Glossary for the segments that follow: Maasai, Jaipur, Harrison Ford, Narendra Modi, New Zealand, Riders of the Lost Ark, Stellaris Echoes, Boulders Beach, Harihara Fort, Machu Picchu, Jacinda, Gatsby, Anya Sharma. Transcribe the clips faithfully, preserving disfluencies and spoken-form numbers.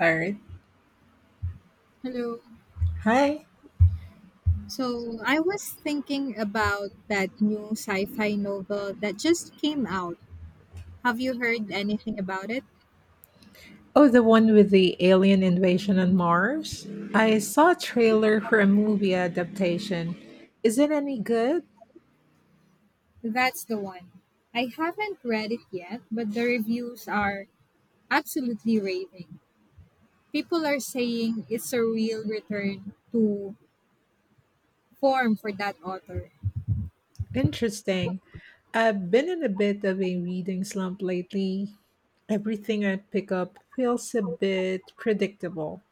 Earth. Hello. Hi. So I was thinking about that new sci fi novel that just came out. Have you heard anything about it? Oh, the one with the alien invasion on Mars? I saw a trailer for a movie adaptation. Is it any good? That's the one. I haven't read it yet, but the reviews are absolutely raving. People are saying it's a real return to form for that author. Interesting. I've been in a bit of a reading slump lately. Everything I pick up feels a bit predictable.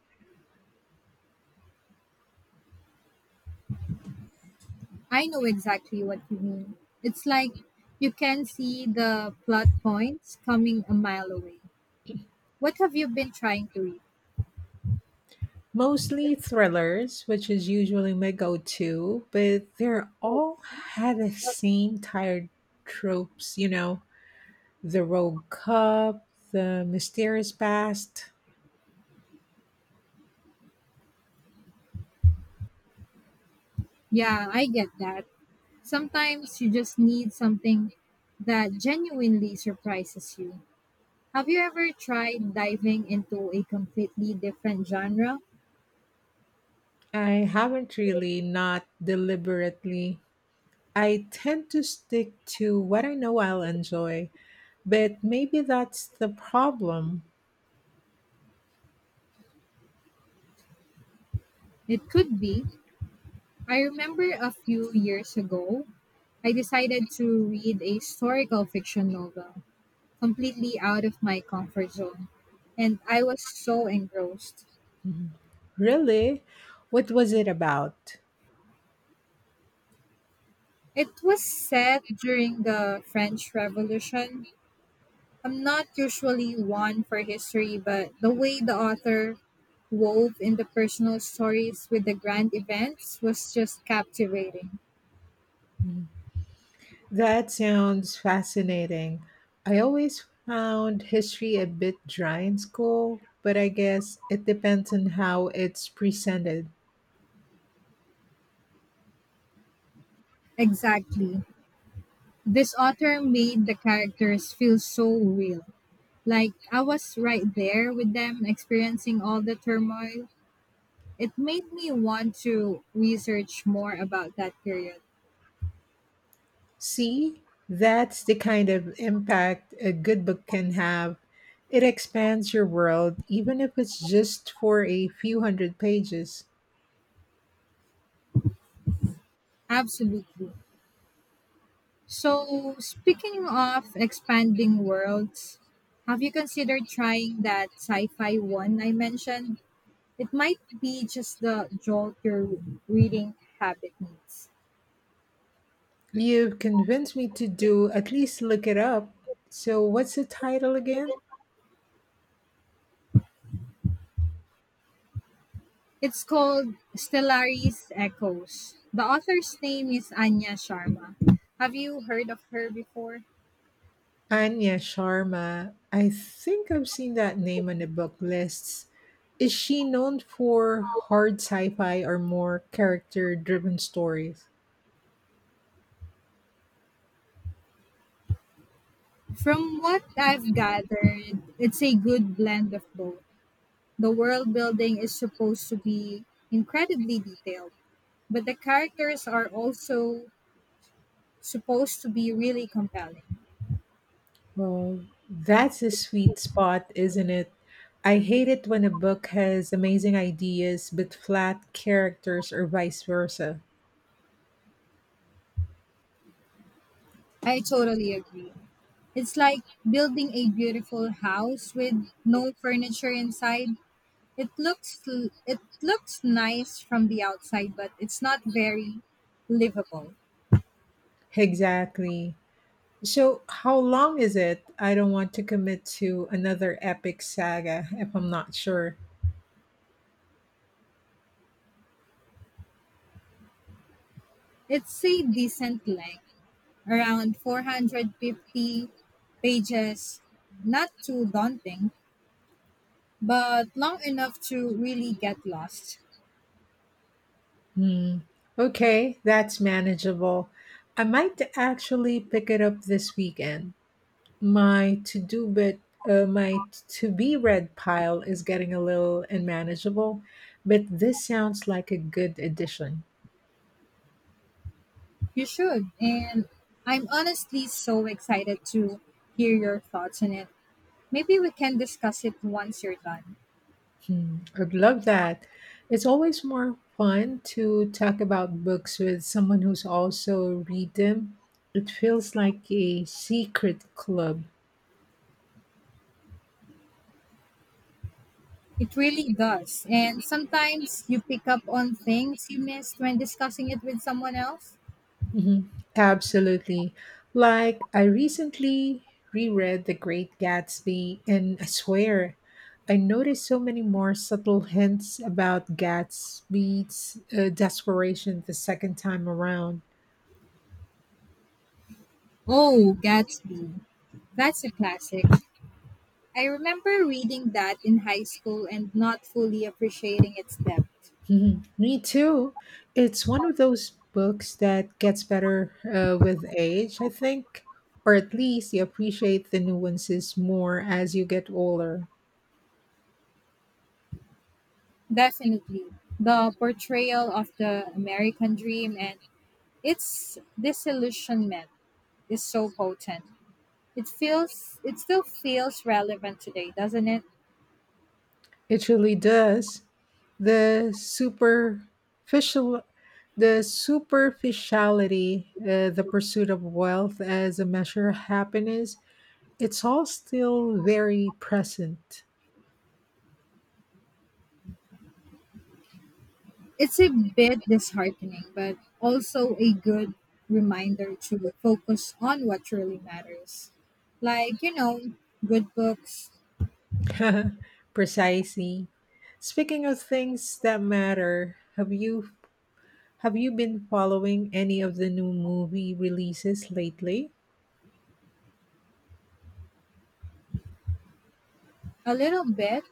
I know exactly what you mean. It's like you can see the plot points coming a mile away. What have you been trying to read? Mostly thrillers, which is usually my go to, but they're all had the same tired tropes, you know The Rogue Cup, The Mysterious Past. Yeah, I get that. Sometimes you just need something that genuinely surprises you. Have you ever tried diving into a completely different genre? I haven't really, not deliberately. I tend to stick to what I know I'll enjoy, but maybe that's the problem. It could be. I remember a few years ago, I decided to read a historical fiction novel, completely out of my comfort zone, and I was so engrossed. Mhm. Really? What was it about? It was set during the French Revolution. I'm not usually one for history, but the way the author wove in the personal stories with the grand events was just captivating. That sounds fascinating. I always found history a bit dry in school, but I guess it depends on how it's presented. Exactly. This author made the characters feel so real. Like I was right there with them experiencing all the turmoil. It made me want to research more about that period. See, that's the kind of impact a good book can have. It expands your world, even if it's just for a few hundred pages. Absolutely. So, speaking of expanding worlds, have you considered trying that sci fi one I mentioned? It might be just the jolt your reading habit needs. You've convinced me to do at least look it up. So, what's the title again? It's called Stellaris Echoes. The author's name is Anya Sharma. Have you heard of her before? Anya Sharma. I think I've seen that name on the book lists. Is she known for hard sci fi or more character driven stories? From what I've gathered, it's a good blend of both. The world building is supposed to be incredibly detailed, but the characters are also supposed to be really compelling. Well, that's a sweet spot, isn't it? I hate it when a book has amazing ideas but flat characters or vice versa. I totally agree. It's like building a beautiful house with no furniture inside. It looks l- it looks nice from the outside, but it's not very livable. Exactly. So, how long is it? I don't want to commit to another epic saga if I'm not sure. It's a decent length, around four hundred fifty pages, not too daunting, but long enough to really get lost. Hmm. Okay, that's manageable. I might actually pick it up this weekend. My to do bit, uh, my to be read pile is getting a little unmanageable, but this sounds like a good addition. You should. And I'm honestly so excited to hear your thoughts on it. Maybe we can discuss it once you're done. Hmm, I'd love that. It's always more fun to talk about books with someone who's also read them. It feels like a secret club. It really does. And sometimes you pick up on things you missed when discussing it with someone else. Mhm. Absolutely. Like, I recently reread The Great Gatsby, and I swear, I noticed so many more subtle hints about Gatsby's uh, desperation the second time around. Oh, Gatsby. That's a classic. I remember reading that in high school and not fully appreciating its depth. Mhm. Me too. It's one of those books that gets better uh, with age, I think, or at least you appreciate the nuances more as you get older. Definitely. The portrayal of the American dream and its disillusionment is so potent. It feels it still feels relevant today, doesn't it? It really does. The superficial, the superficiality, uh, the pursuit of wealth as a measure of happiness, it's all still very present. It's a bit disheartening, but also a good reminder to focus on what truly matters. Like, you know, good books. Precisely. Speaking of things that matter, have you have you been following any of the new movie releases lately? A little bit.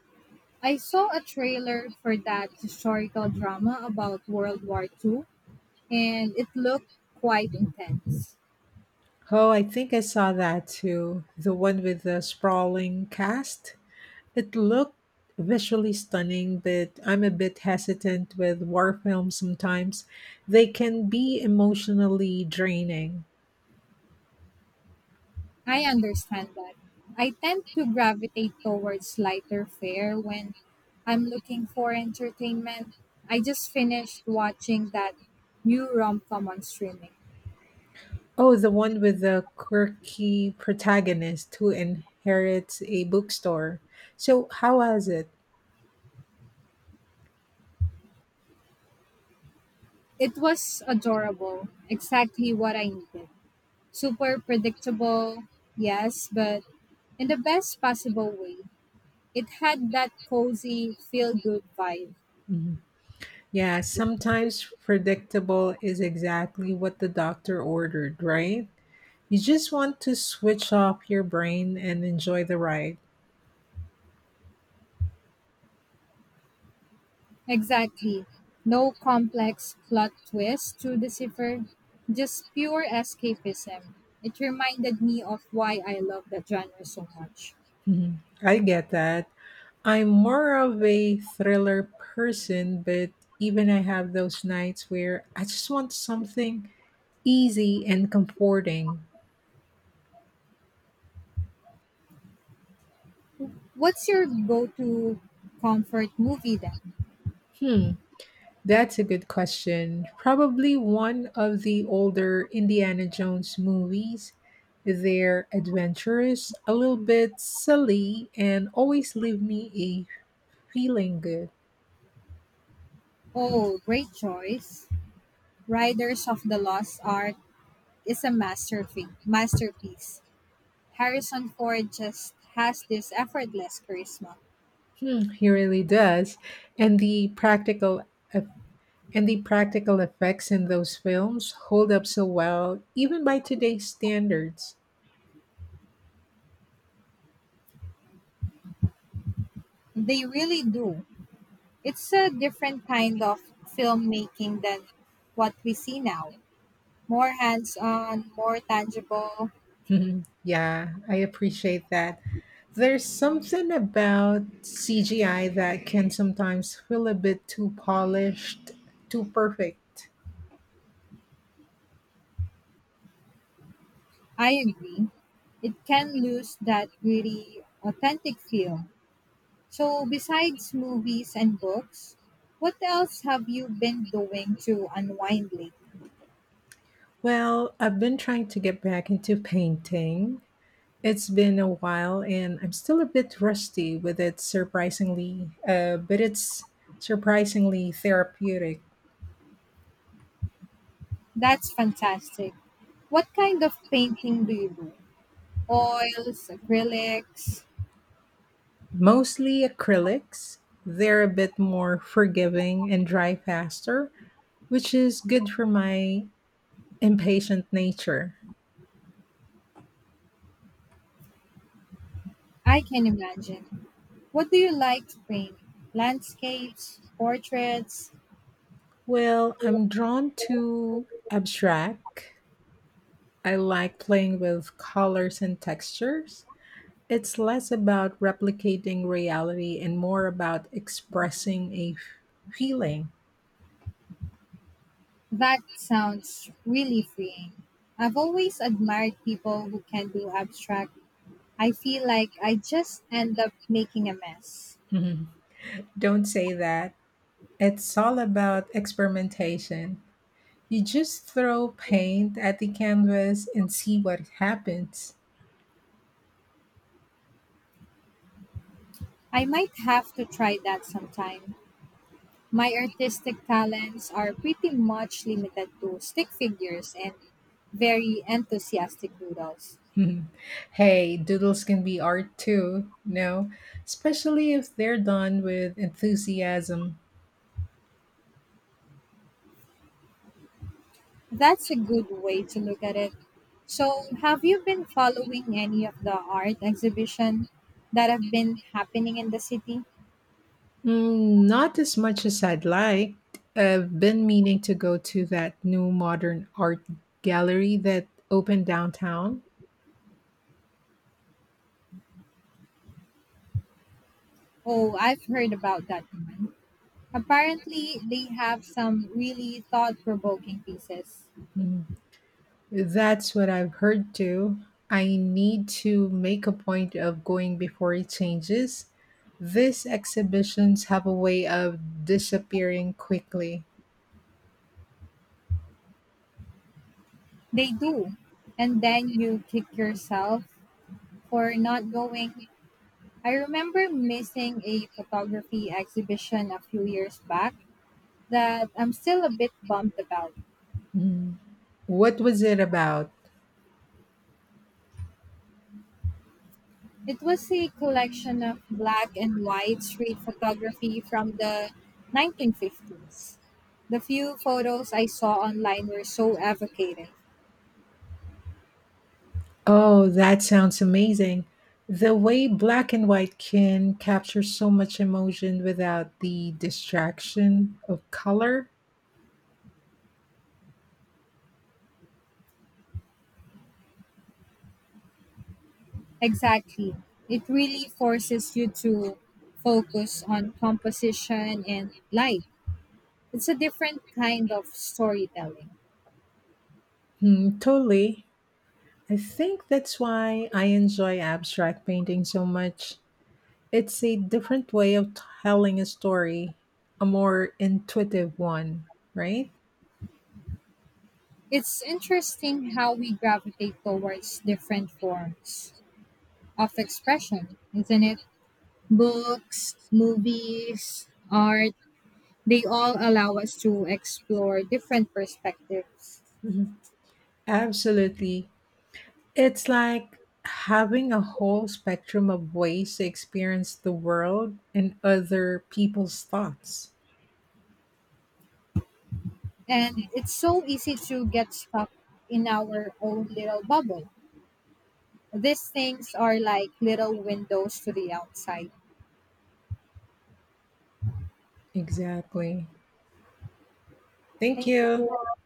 I saw a trailer for that historical drama about World War Two, and it looked quite intense. Oh, I think I saw that too. The one with the sprawling cast. It looked visually stunning, but I'm a bit hesitant with war films sometimes. They can be emotionally draining. I understand that. I tend to gravitate towards lighter fare when I'm looking for entertainment. I just finished watching that new rom com on streaming. Oh, the one with the quirky protagonist who inherits a bookstore. So, how was it? It was adorable, exactly what I needed. Super predictable, yes, but in the best possible way. It had that cozy, feel good vibe. Mhm. Yeah, sometimes predictable is exactly what the doctor ordered, right? You just want to switch off your brain and enjoy the ride. Exactly. No complex plot twist to decipher, just pure escapism. It reminded me of why I love that genre so much. Mhm. I get that. I'm more of a thriller person, but even I have those nights where I just want something easy and comforting. What's your go to comfort movie then? Hmm, that's a good question. Probably one of the older Indiana Jones movies. They're adventurous, a little bit silly, and always leave me a feeling good. Oh, great choice. Riders of the Lost Ark is a masterpiece. masterpiece. Harrison Ford just has this effortless charisma. Hmm, he really does. And the practical And the practical effects in those films hold up so well, even by today's standards. They really do. It's a different kind of filmmaking than what we see now. More hands on, more tangible. Mhm. Yeah, I appreciate that. There's something about C G I that can sometimes feel a bit too polished, too perfect. I agree. It can lose that really authentic feel. So, besides movies and books, what else have you been doing to unwind lately? Well, I've been trying to get back into painting. It's been a while and I'm still a bit rusty with it surprisingly, uh, but it's surprisingly therapeutic. That's fantastic. What kind of painting do you do? Oils, acrylics? Mostly acrylics. They're a bit more forgiving and dry faster, which is good for my impatient nature. I can imagine. What do you like to paint? Landscapes, portraits? Well, I'm drawn to abstract. I like playing with colors and textures. It's less about replicating reality and more about expressing a feeling. That sounds really freeing. I've always admired people who can do abstract. I feel like I just end up making a mess. Don't say that. It's all about experimentation. You just throw paint at the canvas and see what happens. I might have to try that sometime. My artistic talents are pretty much limited to stick figures and very enthusiastic doodles. Hey, doodles can be art too, no? Especially if they're done with enthusiasm. That's a good way to look at it. So, have you been following any of the art exhibition that have been happening in the city? Mm, not as much as I'd like. I've been meaning to go to that new modern art gallery that opened downtown. Oh, I've heard about that one. Apparently, they have some really thought provoking pieces. Mm. That's what I've heard too. I need to make a point of going before it changes. These exhibitions have a way of disappearing quickly. They do. And then you kick yourself for not going. I remember missing a photography exhibition a few years back that I'm still a bit bummed about. Mm. What was it about? It was a collection of black and white street photography from the nineteen fifties. The few photos I saw online were so evocative. Oh, that sounds amazing. The way black and white can capture so much emotion without the distraction of color. Exactly. It really forces you to focus on composition and light. It's a different kind of storytelling. Hmm, totally. I think that's why I enjoy abstract painting so much. It's a different way of telling a story, a more intuitive one, right? It's interesting how we gravitate towards different forms of expression, isn't it? Books, movies, art, they all allow us to explore different perspectives. Mhm. Absolutely. It's like having a whole spectrum of ways to experience the world and other people's thoughts. And it's so easy to get stuck in our own little bubble. These things are like little windows to the outside. Exactly. Thank Thank you. you.